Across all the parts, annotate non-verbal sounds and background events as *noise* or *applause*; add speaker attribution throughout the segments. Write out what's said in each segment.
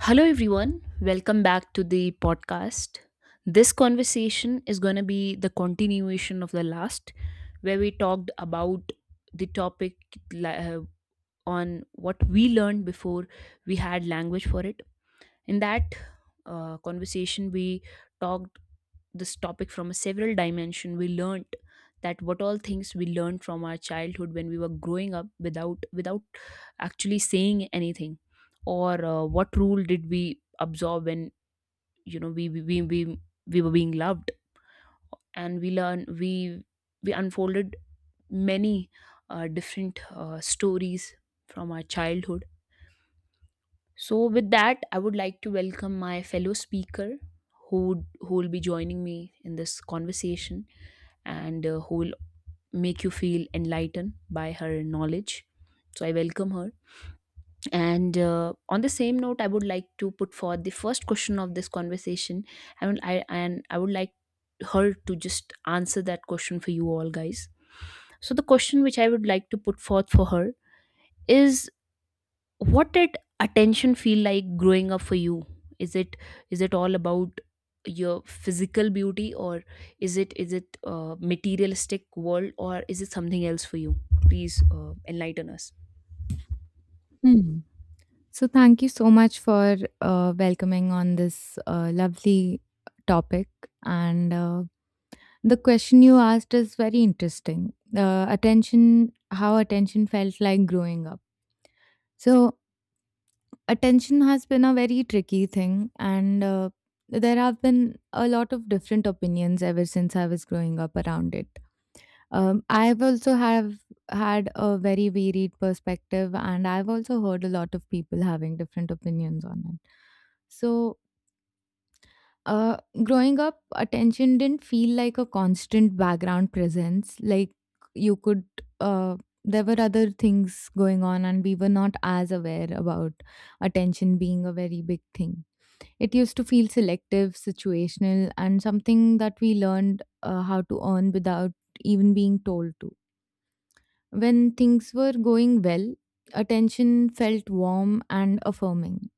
Speaker 1: Hello, everyone. Welcome back to the podcast. This conversation is going to be the continuation of the last, where we talked about the topic li- uh, on what we learned before we had language for it. In that conversation, we talked this topic from a several dimension. We learnt that what all things we learned from our childhood when we were growing up without actually saying anything, or what rule did we absorb when you know we were being loved, and we we unfolded many different stories from our childhood. So, with that, I would like to welcome my fellow speaker who will be joining me in this conversation and who will make you feel enlightened by her knowledge. So, I welcome her. And on the same note, I would like to put forth the first question of this conversation. I would like her to just answer that question for you all guys. So, the question which I would like to put forth for her is, what did attention feel like growing up for you? Is it, is it all about your physical beauty, or is it materialistic world, or is it something else for you? Please enlighten us.
Speaker 2: Hmm. So, thank you so much for welcoming on this lovely topic. And The question you asked is very interesting. Attention, how attention felt like growing up. So, attention has been a very tricky thing, and there have been a lot of different opinions ever since I was growing up around it. I've also have had a very varied perspective, and I've also heard a lot of people having different opinions on it. So, uh, growing up, attention didn't feel like a constant background presence. Like you could, uh, there were other things going on, and we were not as aware about attention being a very big thing. It used to feel selective, situational, and something that we learned how to earn without even being told to. When things were going well, attention felt warm and affirming.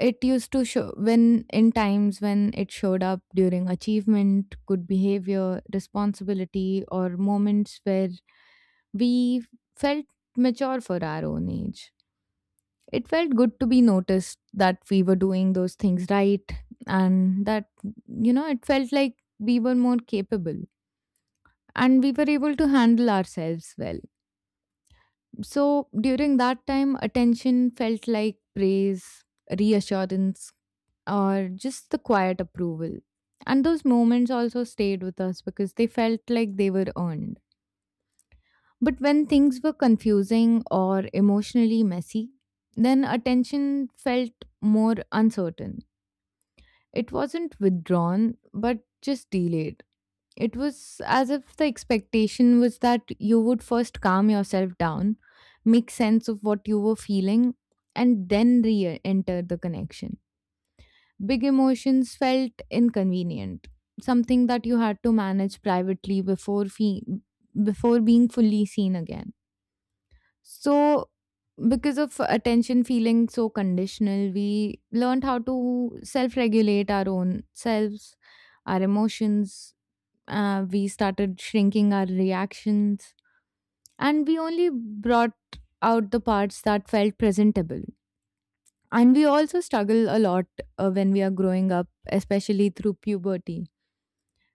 Speaker 2: It used to show when in times when it showed up during achievement, good behavior, responsibility, or moments where we felt mature for our own age. It felt good to be noticed that we were doing those things right and that, you know, it felt like we were more capable and we were able to handle ourselves well. So during that time, attention felt like praise, reassurance, or just the quiet approval. And those moments also stayed with us because they felt like they were earned. But when things were confusing or emotionally messy, then attention felt more uncertain. It wasn't withdrawn, but just delayed. It was as if the expectation was that you would first calm yourself down, make sense of what you were feeling, and then re enter the connection. Big emotions felt inconvenient, something that you had to manage privately before being fully seen again. So, because of attention feeling so conditional, we learned how to self regulate our own selves, our emotions. We started shrinking our reactions and we only brought out the parts that felt presentable. And we also struggle a lot when we are growing up, especially through puberty.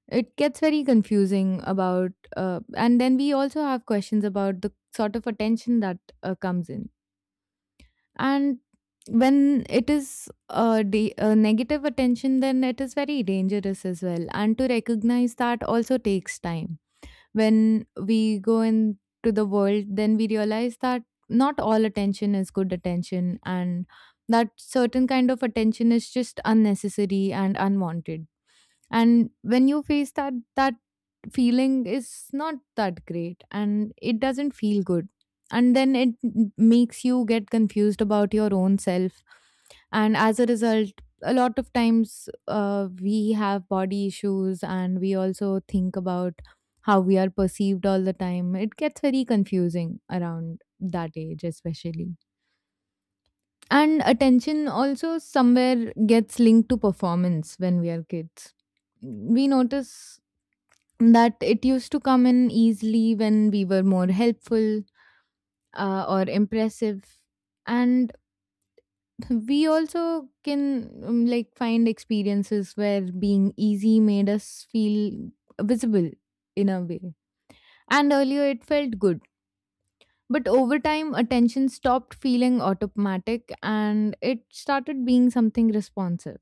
Speaker 2: It gets very confusing and then we also have questions about the sort of attention that comes in. And when it is negative attention, then it is very dangerous as well. And to recognize that also takes time. When we go into the world, then we realize that not all attention is good attention and that certain kind of attention is just unnecessary and unwanted. And when you face that, that feeling is not that great and it doesn't feel good. And then it makes you get confused about your own self. And as a result, a lot of times we have body issues and we also think about how we are perceived all the time. It gets very confusing around that age, especially. And attention also somewhere gets linked to performance when we are kids. We notice that it used to come in easily when we were more helpful or impressive, and we also can like find experiences where being easy made us feel visible in a way, and earlier it felt good, but over time attention stopped feeling automatic and it started being something responsive.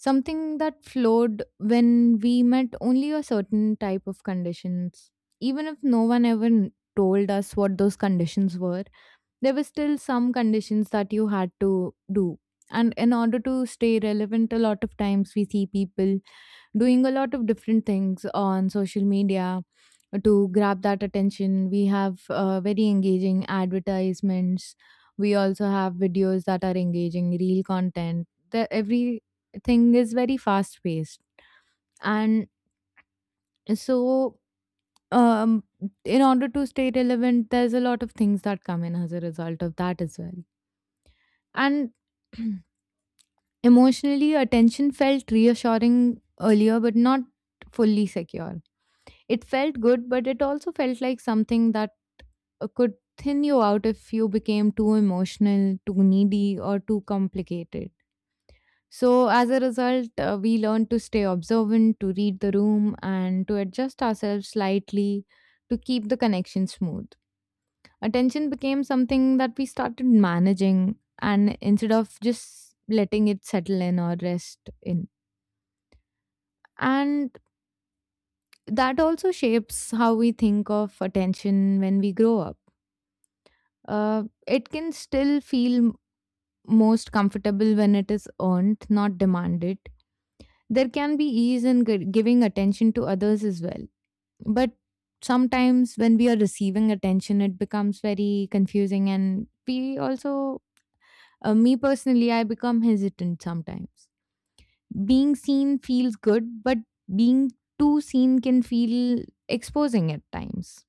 Speaker 2: Something that flowed when we met only a certain type of conditions. Even if no one ever told us what those conditions were, there were still some conditions that you had to do. And in order to stay relevant, a lot of times we see people doing a lot of different things on social media to grab that attention. We have very engaging advertisements. We also have videos that are engaging, real content. The, everything is very fast paced. And so, um, in order to stay relevant, there's a lot of things that come in as a result of that as well. And *clears throat* emotionally, attention felt reassuring earlier, but not fully secure. It felt good, but it also felt like something that could thin you out if you became too emotional, too needy, or too complicated. So, as a result, we learned to stay observant, to read the room, and to adjust ourselves slightly to keep the connection smooth. Attention became something that we started managing, and instead of just letting it settle in or rest in. And that also shapes how we think of attention when we grow up. It can still feel most comfortable when it is earned, not demanded. There can be ease in giving attention to others as well. But sometimes when we are receiving attention, it becomes very confusing. And we also, me personally, I become hesitant sometimes. Being seen feels good, but being too seen can feel exposing at times.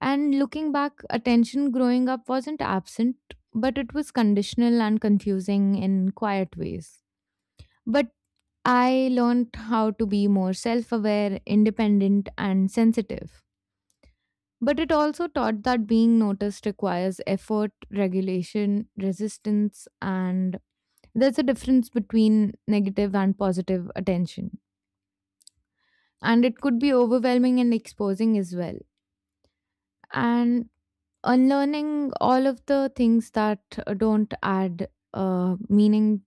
Speaker 2: And looking back, attention growing up wasn't absent, but it was conditional and confusing in quiet ways. But I learned how to be more self aware, independent, and sensitive. But it also taught that being noticed requires effort, regulation, resistance, and there's a difference between negative and positive attention. And it could be overwhelming and exposing as well. And unlearning all of the things that don't add meaning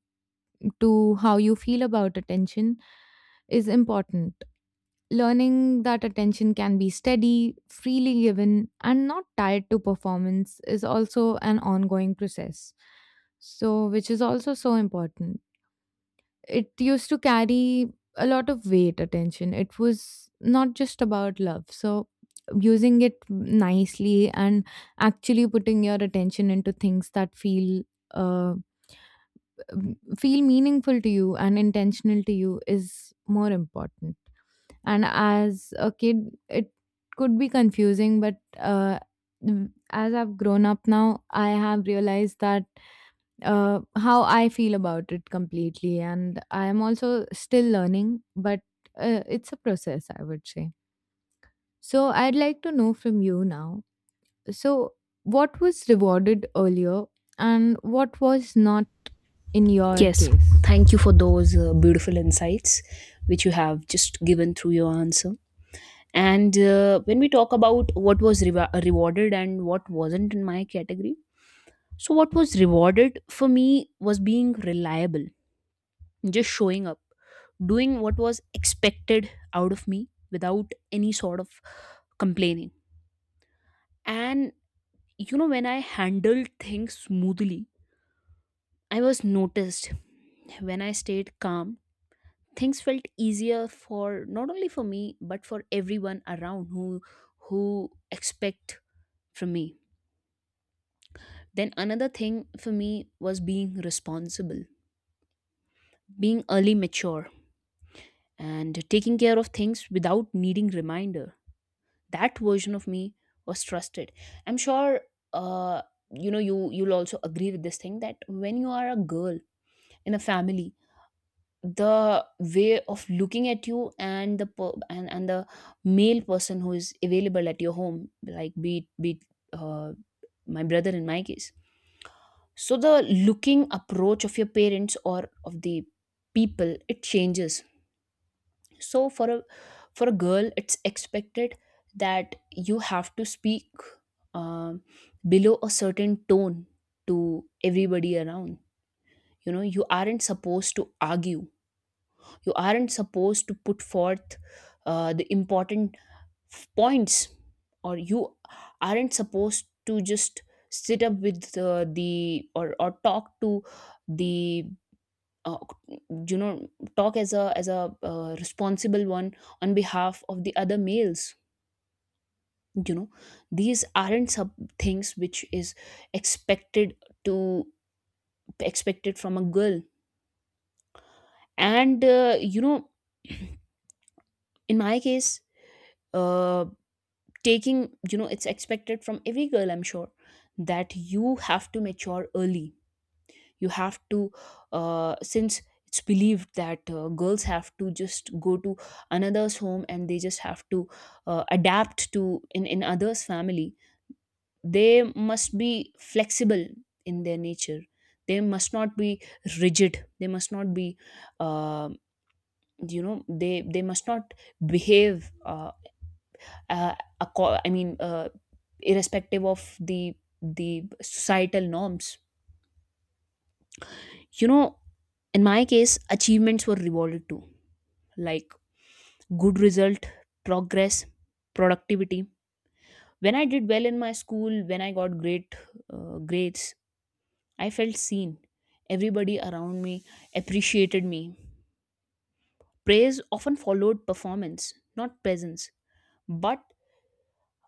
Speaker 2: to how you feel about attention is important. Learning that attention can be steady, freely given, and not tied to performance is also an ongoing process. So, which is also so important. It used to carry a lot of weight, attention. It was not just about love. So, using it nicely and actually putting your attention into things that feel uh feel meaningful to you and intentional to you is more important. And as a kid, it could be confusing, but as I've grown up now I have realized that how I feel about it completely. And I am also still learning, but it's a process, I would say. So I'd like to know from you now. So, what was rewarded earlier and what was not in your
Speaker 1: Yes,
Speaker 2: case?
Speaker 1: thank you for those beautiful insights which you have just given through your answer. And when we talk about what was reva rewarded and what wasn't in my category, so what was rewarded for me was being reliable, just showing up, doing what was expected out of me without any sort of complaining. And you know, when I handled things smoothly, I was noticed. When I stayed calm, things felt easier for, not only for me, but for everyone around who expect from me. Then another thing for me was being responsible, being early mature, and taking care of things without needing reminder. That version of me was trusted. I'm sure, uh, you know, you'll also agree with this thing that when you are a girl in a family, the way of looking at you and the and the male person who is available at your home, like be it, uh, my brother in my case. So the looking approach of your parents or of the people, it changes. So for a, for a girl, it's expected that you have to speak, um, below a certain tone to everybody around. You know, you aren't supposed to argue, you aren't supposed to put forth the important points, or you aren't supposed to just sit up with the or talk to the, uh, you know talk as a, as a responsible one on behalf of the other males. You know, these aren't sub things which is expected to, expected from a girl. And you know, in my case, uh, taking you know, it's expected from every girl, I'm sure, that you have to mature early. You have to, since it's believed that girls have to just go to another's home, and they just have to adapt to in others family. They must be flexible in their nature. They must not be rigid, they must not be, uh, you know, they must not behave uh, I mean, irrespective of the societal norms. You know, in my case achievements were rewarded too, like good result, progress, productivity. When I did well in my school, when I got great grades, I felt seen. Everybody around me appreciated me. Praise often followed performance, not presence. But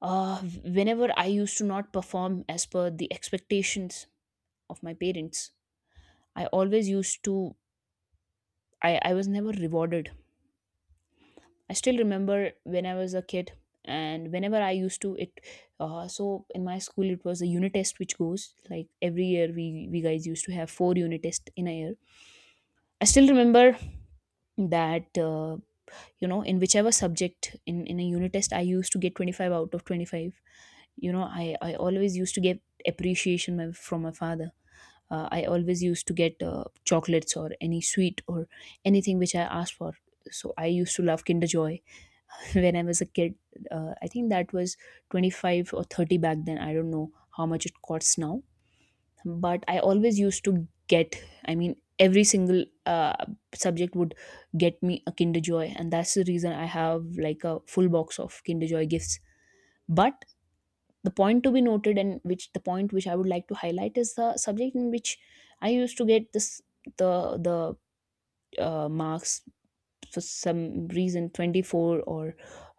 Speaker 1: uh, whenever I used to not perform as per the expectations of my parents, I always used to I was never rewarded. I still remember when I was a kid and whenever I used to it, so in my school, it was a unit test which goes like every year we guys used to have 4 unit tests in a year. I still remember that, you know, in whichever subject, in a unit test, I used to get 25 out of 25. You know, I always used to get appreciation from my father. I always used to get chocolates or any sweet or anything which I asked for. So I used to love Kinder Joy *laughs* when I was a kid. I think that was 25 or 30 back then. I don't know how much it costs now. But I always used to get, I mean, every single subject would get me a Kinder Joy. And that's the reason I have like a full box of Kinder Joy gifts. But the point to be noted, and which the point which I would like to highlight, is the subject in which I used to get this, the the marks, for some reason, 24, or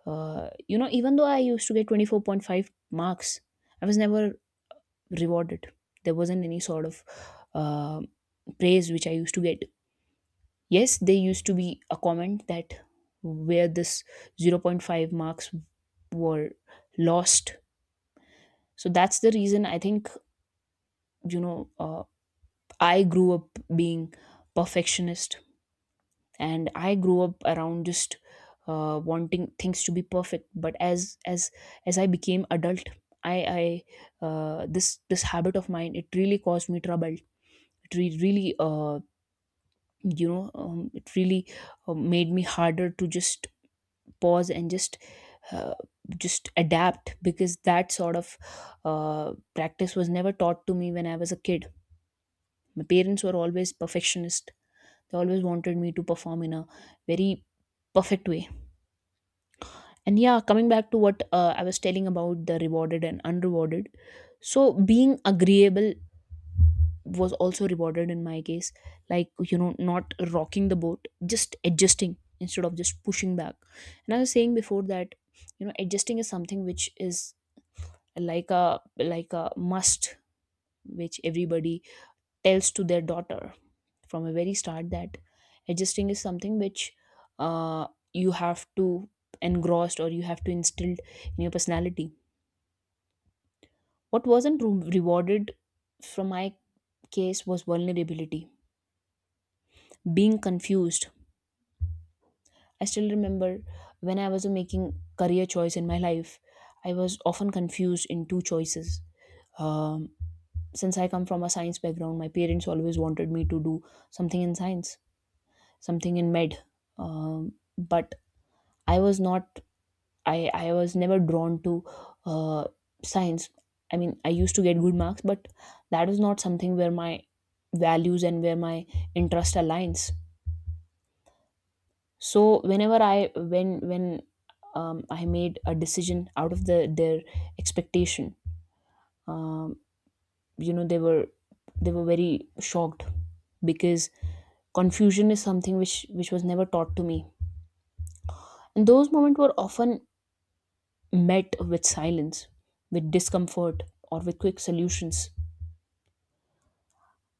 Speaker 1: you know, even though I used to get 24.5 marks, I was never rewarded. There wasn't any sort of uh, praise which I used to get. Yes, there used to be a comment that, where this 0 point 0.5 marks were lost. So that's the reason, I think, you know, I grew up being perfectionist, and I grew up around just wanting things to be perfect. But as I became adult, I I this habit of mine, it really caused me trouble. It really, it really made me harder to just pause and uh, just adapt, because that sort of uh, practice was never taught to me when I was a kid. My parents were always perfectionist. They always wanted me to perform in a very perfect way. And yeah, coming back to what I was telling about the rewarded and unrewarded. So being agreeable was also rewarded in my case. Like, you know, not rocking the boat, just adjusting instead of just pushing back. And I was saying before that, you know, adjusting is something which is like a must, which everybody tells to their daughter from a very start, that adjusting is something which uh, you have to engrossed, or you have to instilled in your personality. What wasn't rewarded from my case was vulnerability, being confused. I still remember when I was making career choice in my life, I was often confused in 2 choices. Um, since I come from a science background, my parents always wanted me to do something in science, something in med. Um, but I was not, I was never drawn to uh, science. I mean, I used to get good marks, but that was not something where my values and where my interest aligns. So whenever I, when I made a decision out of the their expectation, um, you know, they were very shocked, because confusion is something which was never taught to me. And those moments were often met with silence, with discomfort, or with quick solutions.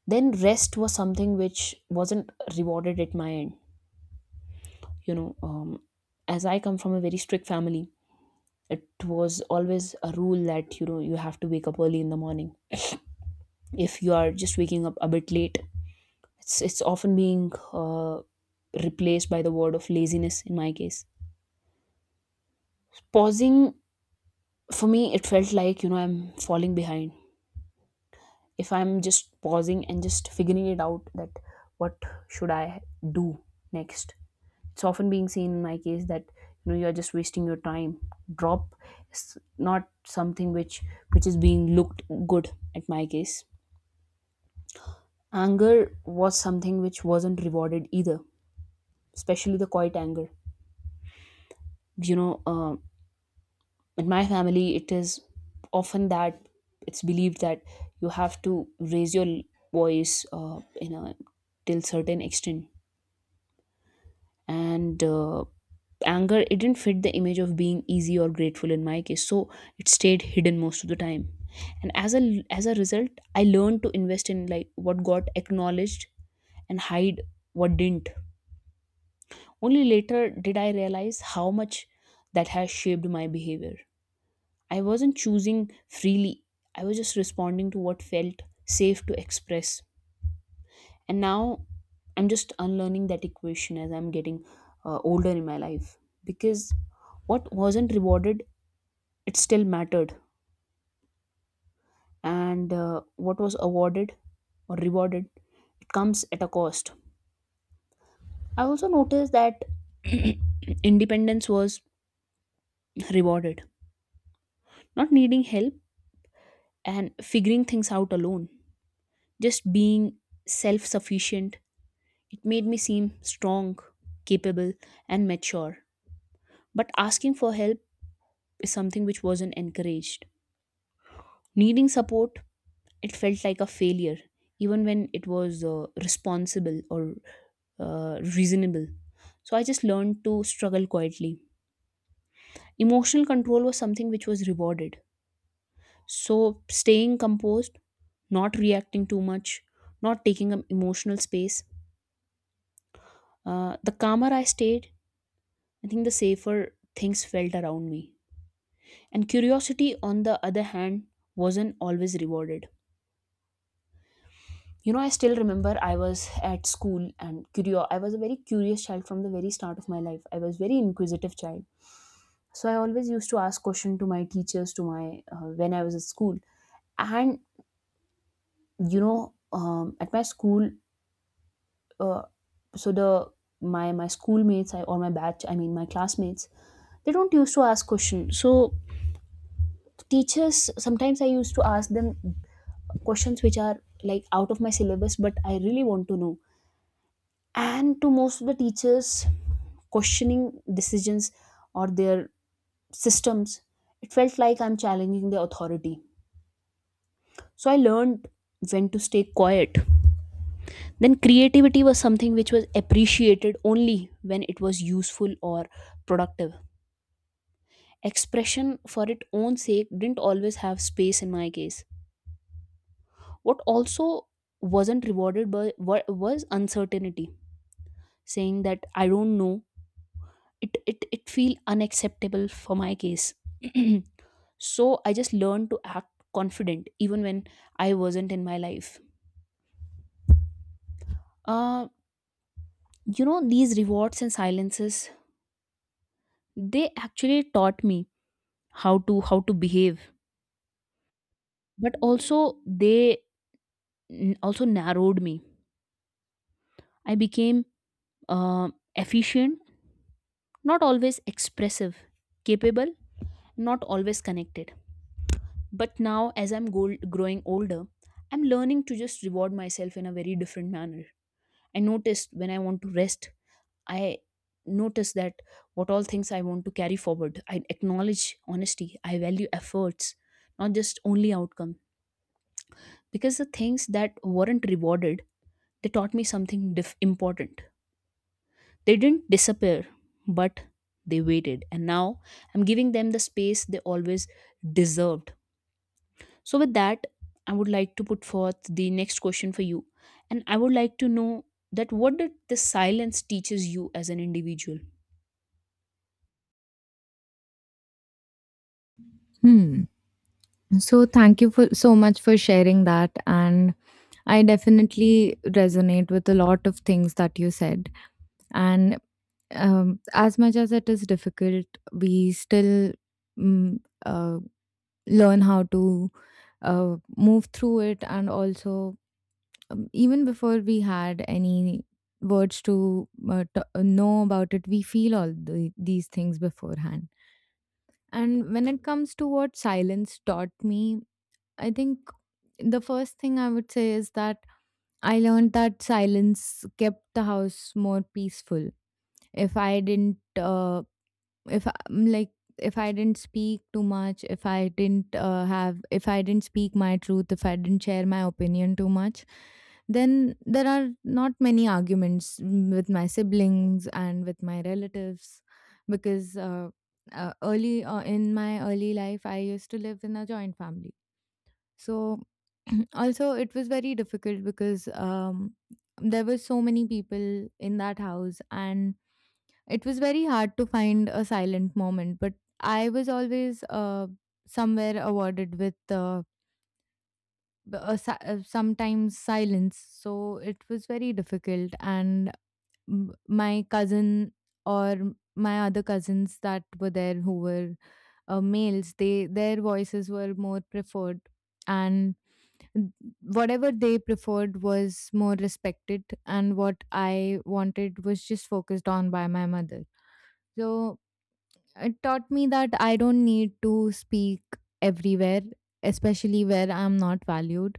Speaker 1: Then rest was something which wasn't rewarded at my end. You know, as I come from a very strict family, it was always a rule that, you know, you have to wake up early in the morning. If you are just waking up a bit late, it's often being replaced by the word of laziness in my case. Pausing, for me it felt like, you know, I'm falling behind. If I'm just pausing and just figuring it out that what should I do next, it's often being seen in my case that, you know, you are just wasting your time. Drop is not something which is being looked good at my case. Anger was something which wasn't rewarded either, especially the quiet anger. You know, in my family, it is often that it's believed that you have to raise your voice, you know, till certain extent. And anger, it didn't fit the image of being easy or grateful in my case, so it stayed hidden most of the time. And as a result, I learned to invest in like what got acknowledged, and hide what didn't. Only later did I realize how much that has shaped my behavior. I wasn't choosing freely, I was just responding to what felt safe to express. And now I'm just unlearning that equation as I'm getting older in my life, because what wasn't rewarded, it still mattered. And what was awarded or rewarded, it comes at a cost. I also noticed that *clears throat* independence was rewarded. Not needing help, and figuring things out alone, just being self sufficient, it made me seem strong, capable, and mature. But asking for help is something which wasn't encouraged. Needing support, it felt like a failure, even when it was responsible or reasonable. So I just learned to struggle quietly. Emotional control was something which was rewarded. So staying composed, not reacting too much, not taking up emotional space. The calmer I stayed, I think the safer things felt around me. And curiosity, on the other hand, wasn't always rewarded. I still remember I was at school and curio I was a very curious child. From the very start of my life I was very inquisitive child, so I always used to ask question to my teachers, to my when I was at school. And at my school, uh, so the my schoolmates I, or my batch I mean my classmates, they don't used to ask questions. So teachers, sometimes I used to ask them questions which are like out of my syllabus, but I really want to know. And to most of the teachers, questioning decisions or their systems, it felt like I'm challenging their authority. So I learned when to stay quiet. Then creativity was something which was appreciated only when it was useful or productive. Expression for its own sake didn't always have space in my case. What also wasn't rewarded was uncertainty. Saying that I don't know, it feel unacceptable for my case. *clears throat* So I just learned to act confident even when I wasn't in my life. uh you know, these rewards and silences, they actually taught me how to behave. But also they also narrowed me. I became uh, efficient, not always expressive, capable, not always connected. But now as I'm growing older, I'm learning to just reward myself in a very different manner. I noticed when I want to rest, I notice that what all things I want to carry forward. I acknowledge honesty. I value efforts, not just only outcome. Because the things that weren't rewarded, they taught me something important. They didn't disappear, but they waited. And now I'm giving them the space they always deserved. So, with that, I would like to put forth the next question for you. And I would like to know that what did this silence teaches you as an individual?
Speaker 2: Hmm. So thank you for so much for sharing that, and I definitely resonate with a lot of things that you said. And As much as it is difficult, we still mm, uh, learn how to move through it, and also, even before we had any words to know about it, we feel all the, these things beforehand. And when it comes to what silence taught me, I think the first thing I would say is that I learned that silence kept the house more peaceful. If I didn't if I- m- like if I didn't speak too much, if I didn't speak my truth, if I didn't share my opinion too much, then there are not many arguments, with my siblings and with my relatives. Because early in my early life I used to live in a joint family. So *clears throat* also it was very difficult because there were so many people in that house, and it was very hard to find a silent moment. But I was always somewhere awarded with sometimes silence. So it was very difficult. And my cousin or my other cousins that were there who were males, they, their voices were more preferred, and whatever they preferred was more respected, and what I wanted was just focused on by my mother. So it taught me that I don't need to speak everywhere, especially where I'm not valued.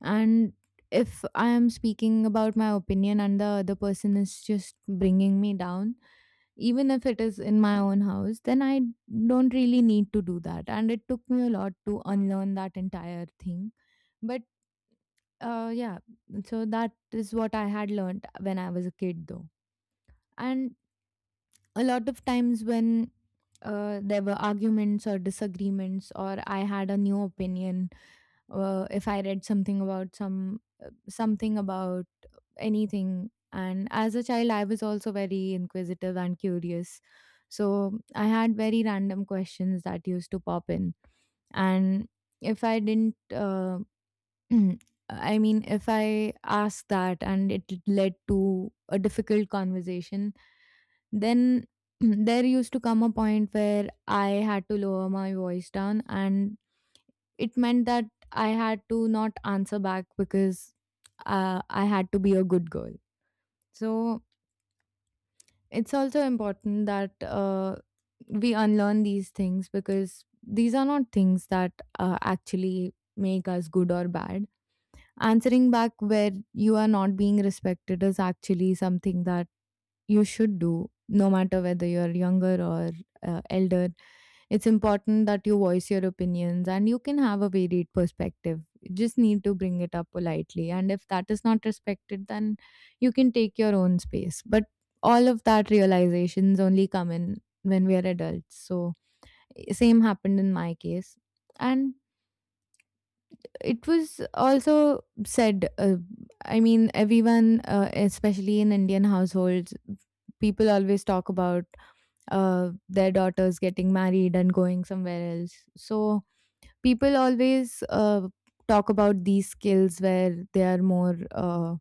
Speaker 2: And if I am speaking about my opinion and the other person is just bringing me down, even if it is in my own house, then I don't really need to do that. And it took me a lot to unlearn that entire thing. But yeah, so that is what I had learned when I was a kid, though. And a lot of times when there were arguments or disagreements, or I had a new opinion, if I read something about something about anything, and as a child, I was also very inquisitive and curious. So I had very random questions that used to pop in, and if I didn't Mm. I mean, if I ask that and it led to a difficult conversation, then *clears throat* there used to come a point where I had to lower my voice down, and it meant that I had to not answer back because I had to be a good girl. So it's also important that we unlearn these things, because these are not things that actually make us good or bad. Answering back where you are not being respected is actually something that you should do, no matter whether you're younger or elder. It's important that you voice your opinions and you can have a varied perspective. You just need to bring it up politely. And if that is not respected, then you can take your own space. But all of that realizations only come in when we are adults. So, same happened in my case. And it was also said I mean, everyone, especially in Indian households, people always talk about their daughters getting married and going somewhere else. So people always talk about these skills where they are more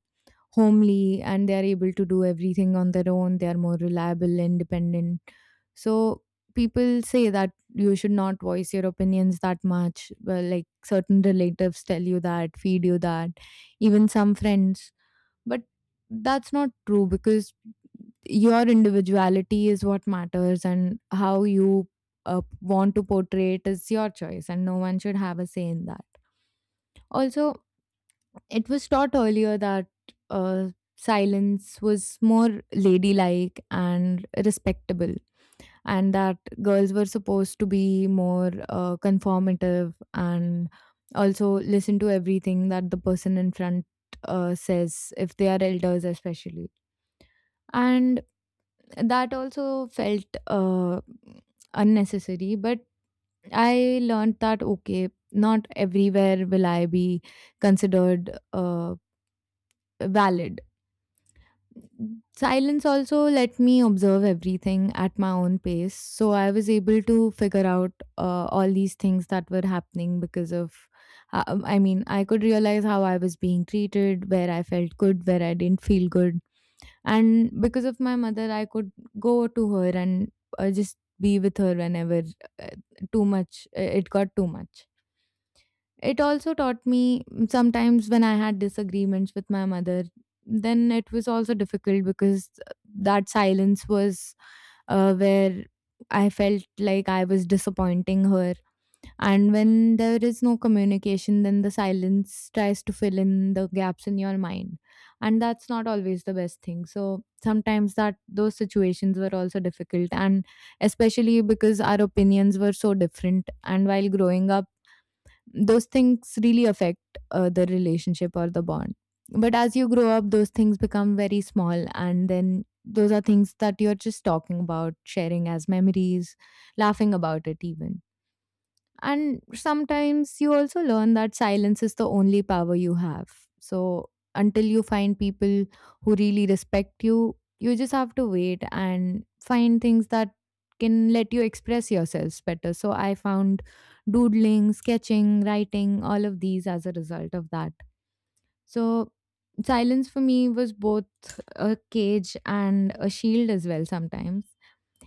Speaker 2: homely and they are able to do everything on their own. They are more reliable, independent. So people say that you should not voice your opinions that much. Well, like certain relatives tell you that, feed you that, even some friends. But that's not true, because your individuality is what matters, and how you want to portray it is your choice and no one should have a say in that. Also, it was taught earlier that uh, silence was more ladylike and respectable, and that girls were supposed to be more conformative and also listen to everything that the person in front says, if they are elders, especially. And that also felt unnecessary, but I learned that okay, not everywhere will I be considered valid. Silence also let me observe everything at my own pace. So I was able to figure out all these things that were happening because of, I mean, I could realize how I was being treated, where I felt good, where I didn't feel good. And because of my mother, I could go to her and just be with her whenever uh, it got too much. It also taught me sometimes when I had disagreements with my mother, then it was also difficult because that silence was where I felt like I was disappointing her. And when there is no communication, then the silence tries to fill in the gaps in your mind. And that's not always the best thing. So sometimes that those situations were also difficult, and especially because our opinions were so different, and while growing up those things really affect the relationship or the bond. But as you grow up, those things become very small, and then those are things that you're just talking about, sharing as memories, laughing about it, even. And sometimes you also learn that silence is the only power you have. So until you find people who really respect you, you just have to wait and find things that can let you express yourselves better. So I found doodling, sketching, writing, all of these as a result of that. So silence for me was both a cage and a shield as well. Sometimes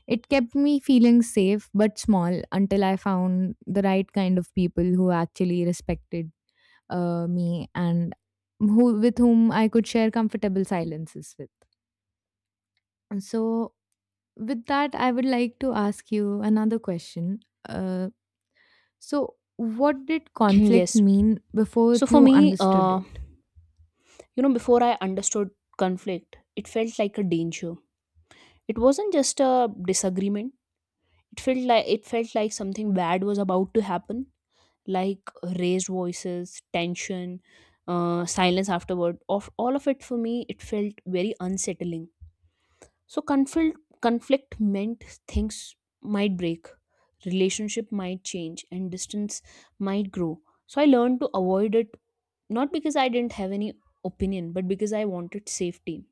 Speaker 2: it kept me feeling safe but small, until I found the right kind of people who actually respected me and who, with whom I could share comfortable silences with. So, with that, I would like to ask you another question. Uh, so, what did
Speaker 1: *clears throat*
Speaker 2: conflict
Speaker 1: Yes.
Speaker 2: mean before
Speaker 1: So for
Speaker 2: you
Speaker 1: me,
Speaker 2: understood it?
Speaker 1: you know, before I understood conflict, it felt like a danger. It wasn't just a disagreement. It felt like something bad was about to happen, like raised voices, tension, silence afterward. Of all of it for me, it felt very unsettling. So conflict meant things might break, relationship might change, and distance might grow. So I learned to avoid it. Not because I didn't have any opinion, but because I wanted safety.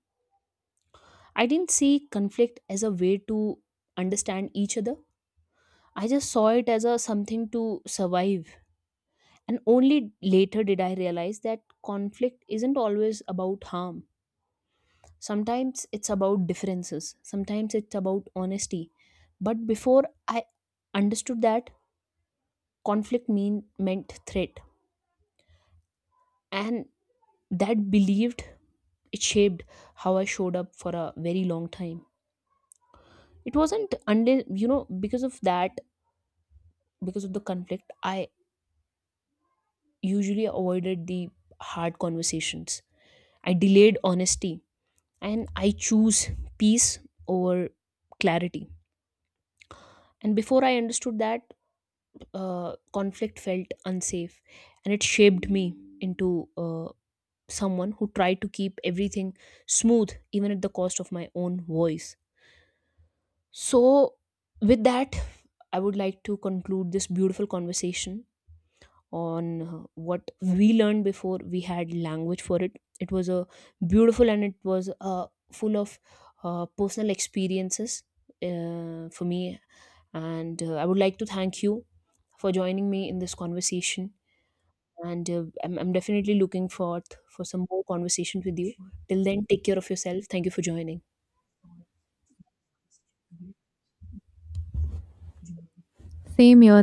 Speaker 1: I didn't see conflict as a way to understand each other. I just saw it as a something to survive. And only later did I realize that conflict isn't always about harm. Sometimes it's about differences. Sometimes it's about honesty. But before I understood that, conflict meant threat. And that believed it shaped how I showed up for a very long time. It wasn't unless because of that, because of the conflict, I usually avoided the hard conversations. I delayed honesty and I choose peace over clarity. And before I understood that, uh, conflict felt unsafe, and it shaped me into uh, someone who tried to keep everything smooth even at the cost of my own voice. So, with that, I would like to conclude this beautiful conversation on what we learned before we had language for it. It was a beautiful, and it was full of personal experiences for me. And I would like to thank you for joining me in this conversation. And I'm definitely looking forward for some more conversations with you. Till then, take care of yourself. Thank you for joining.
Speaker 2: Same here.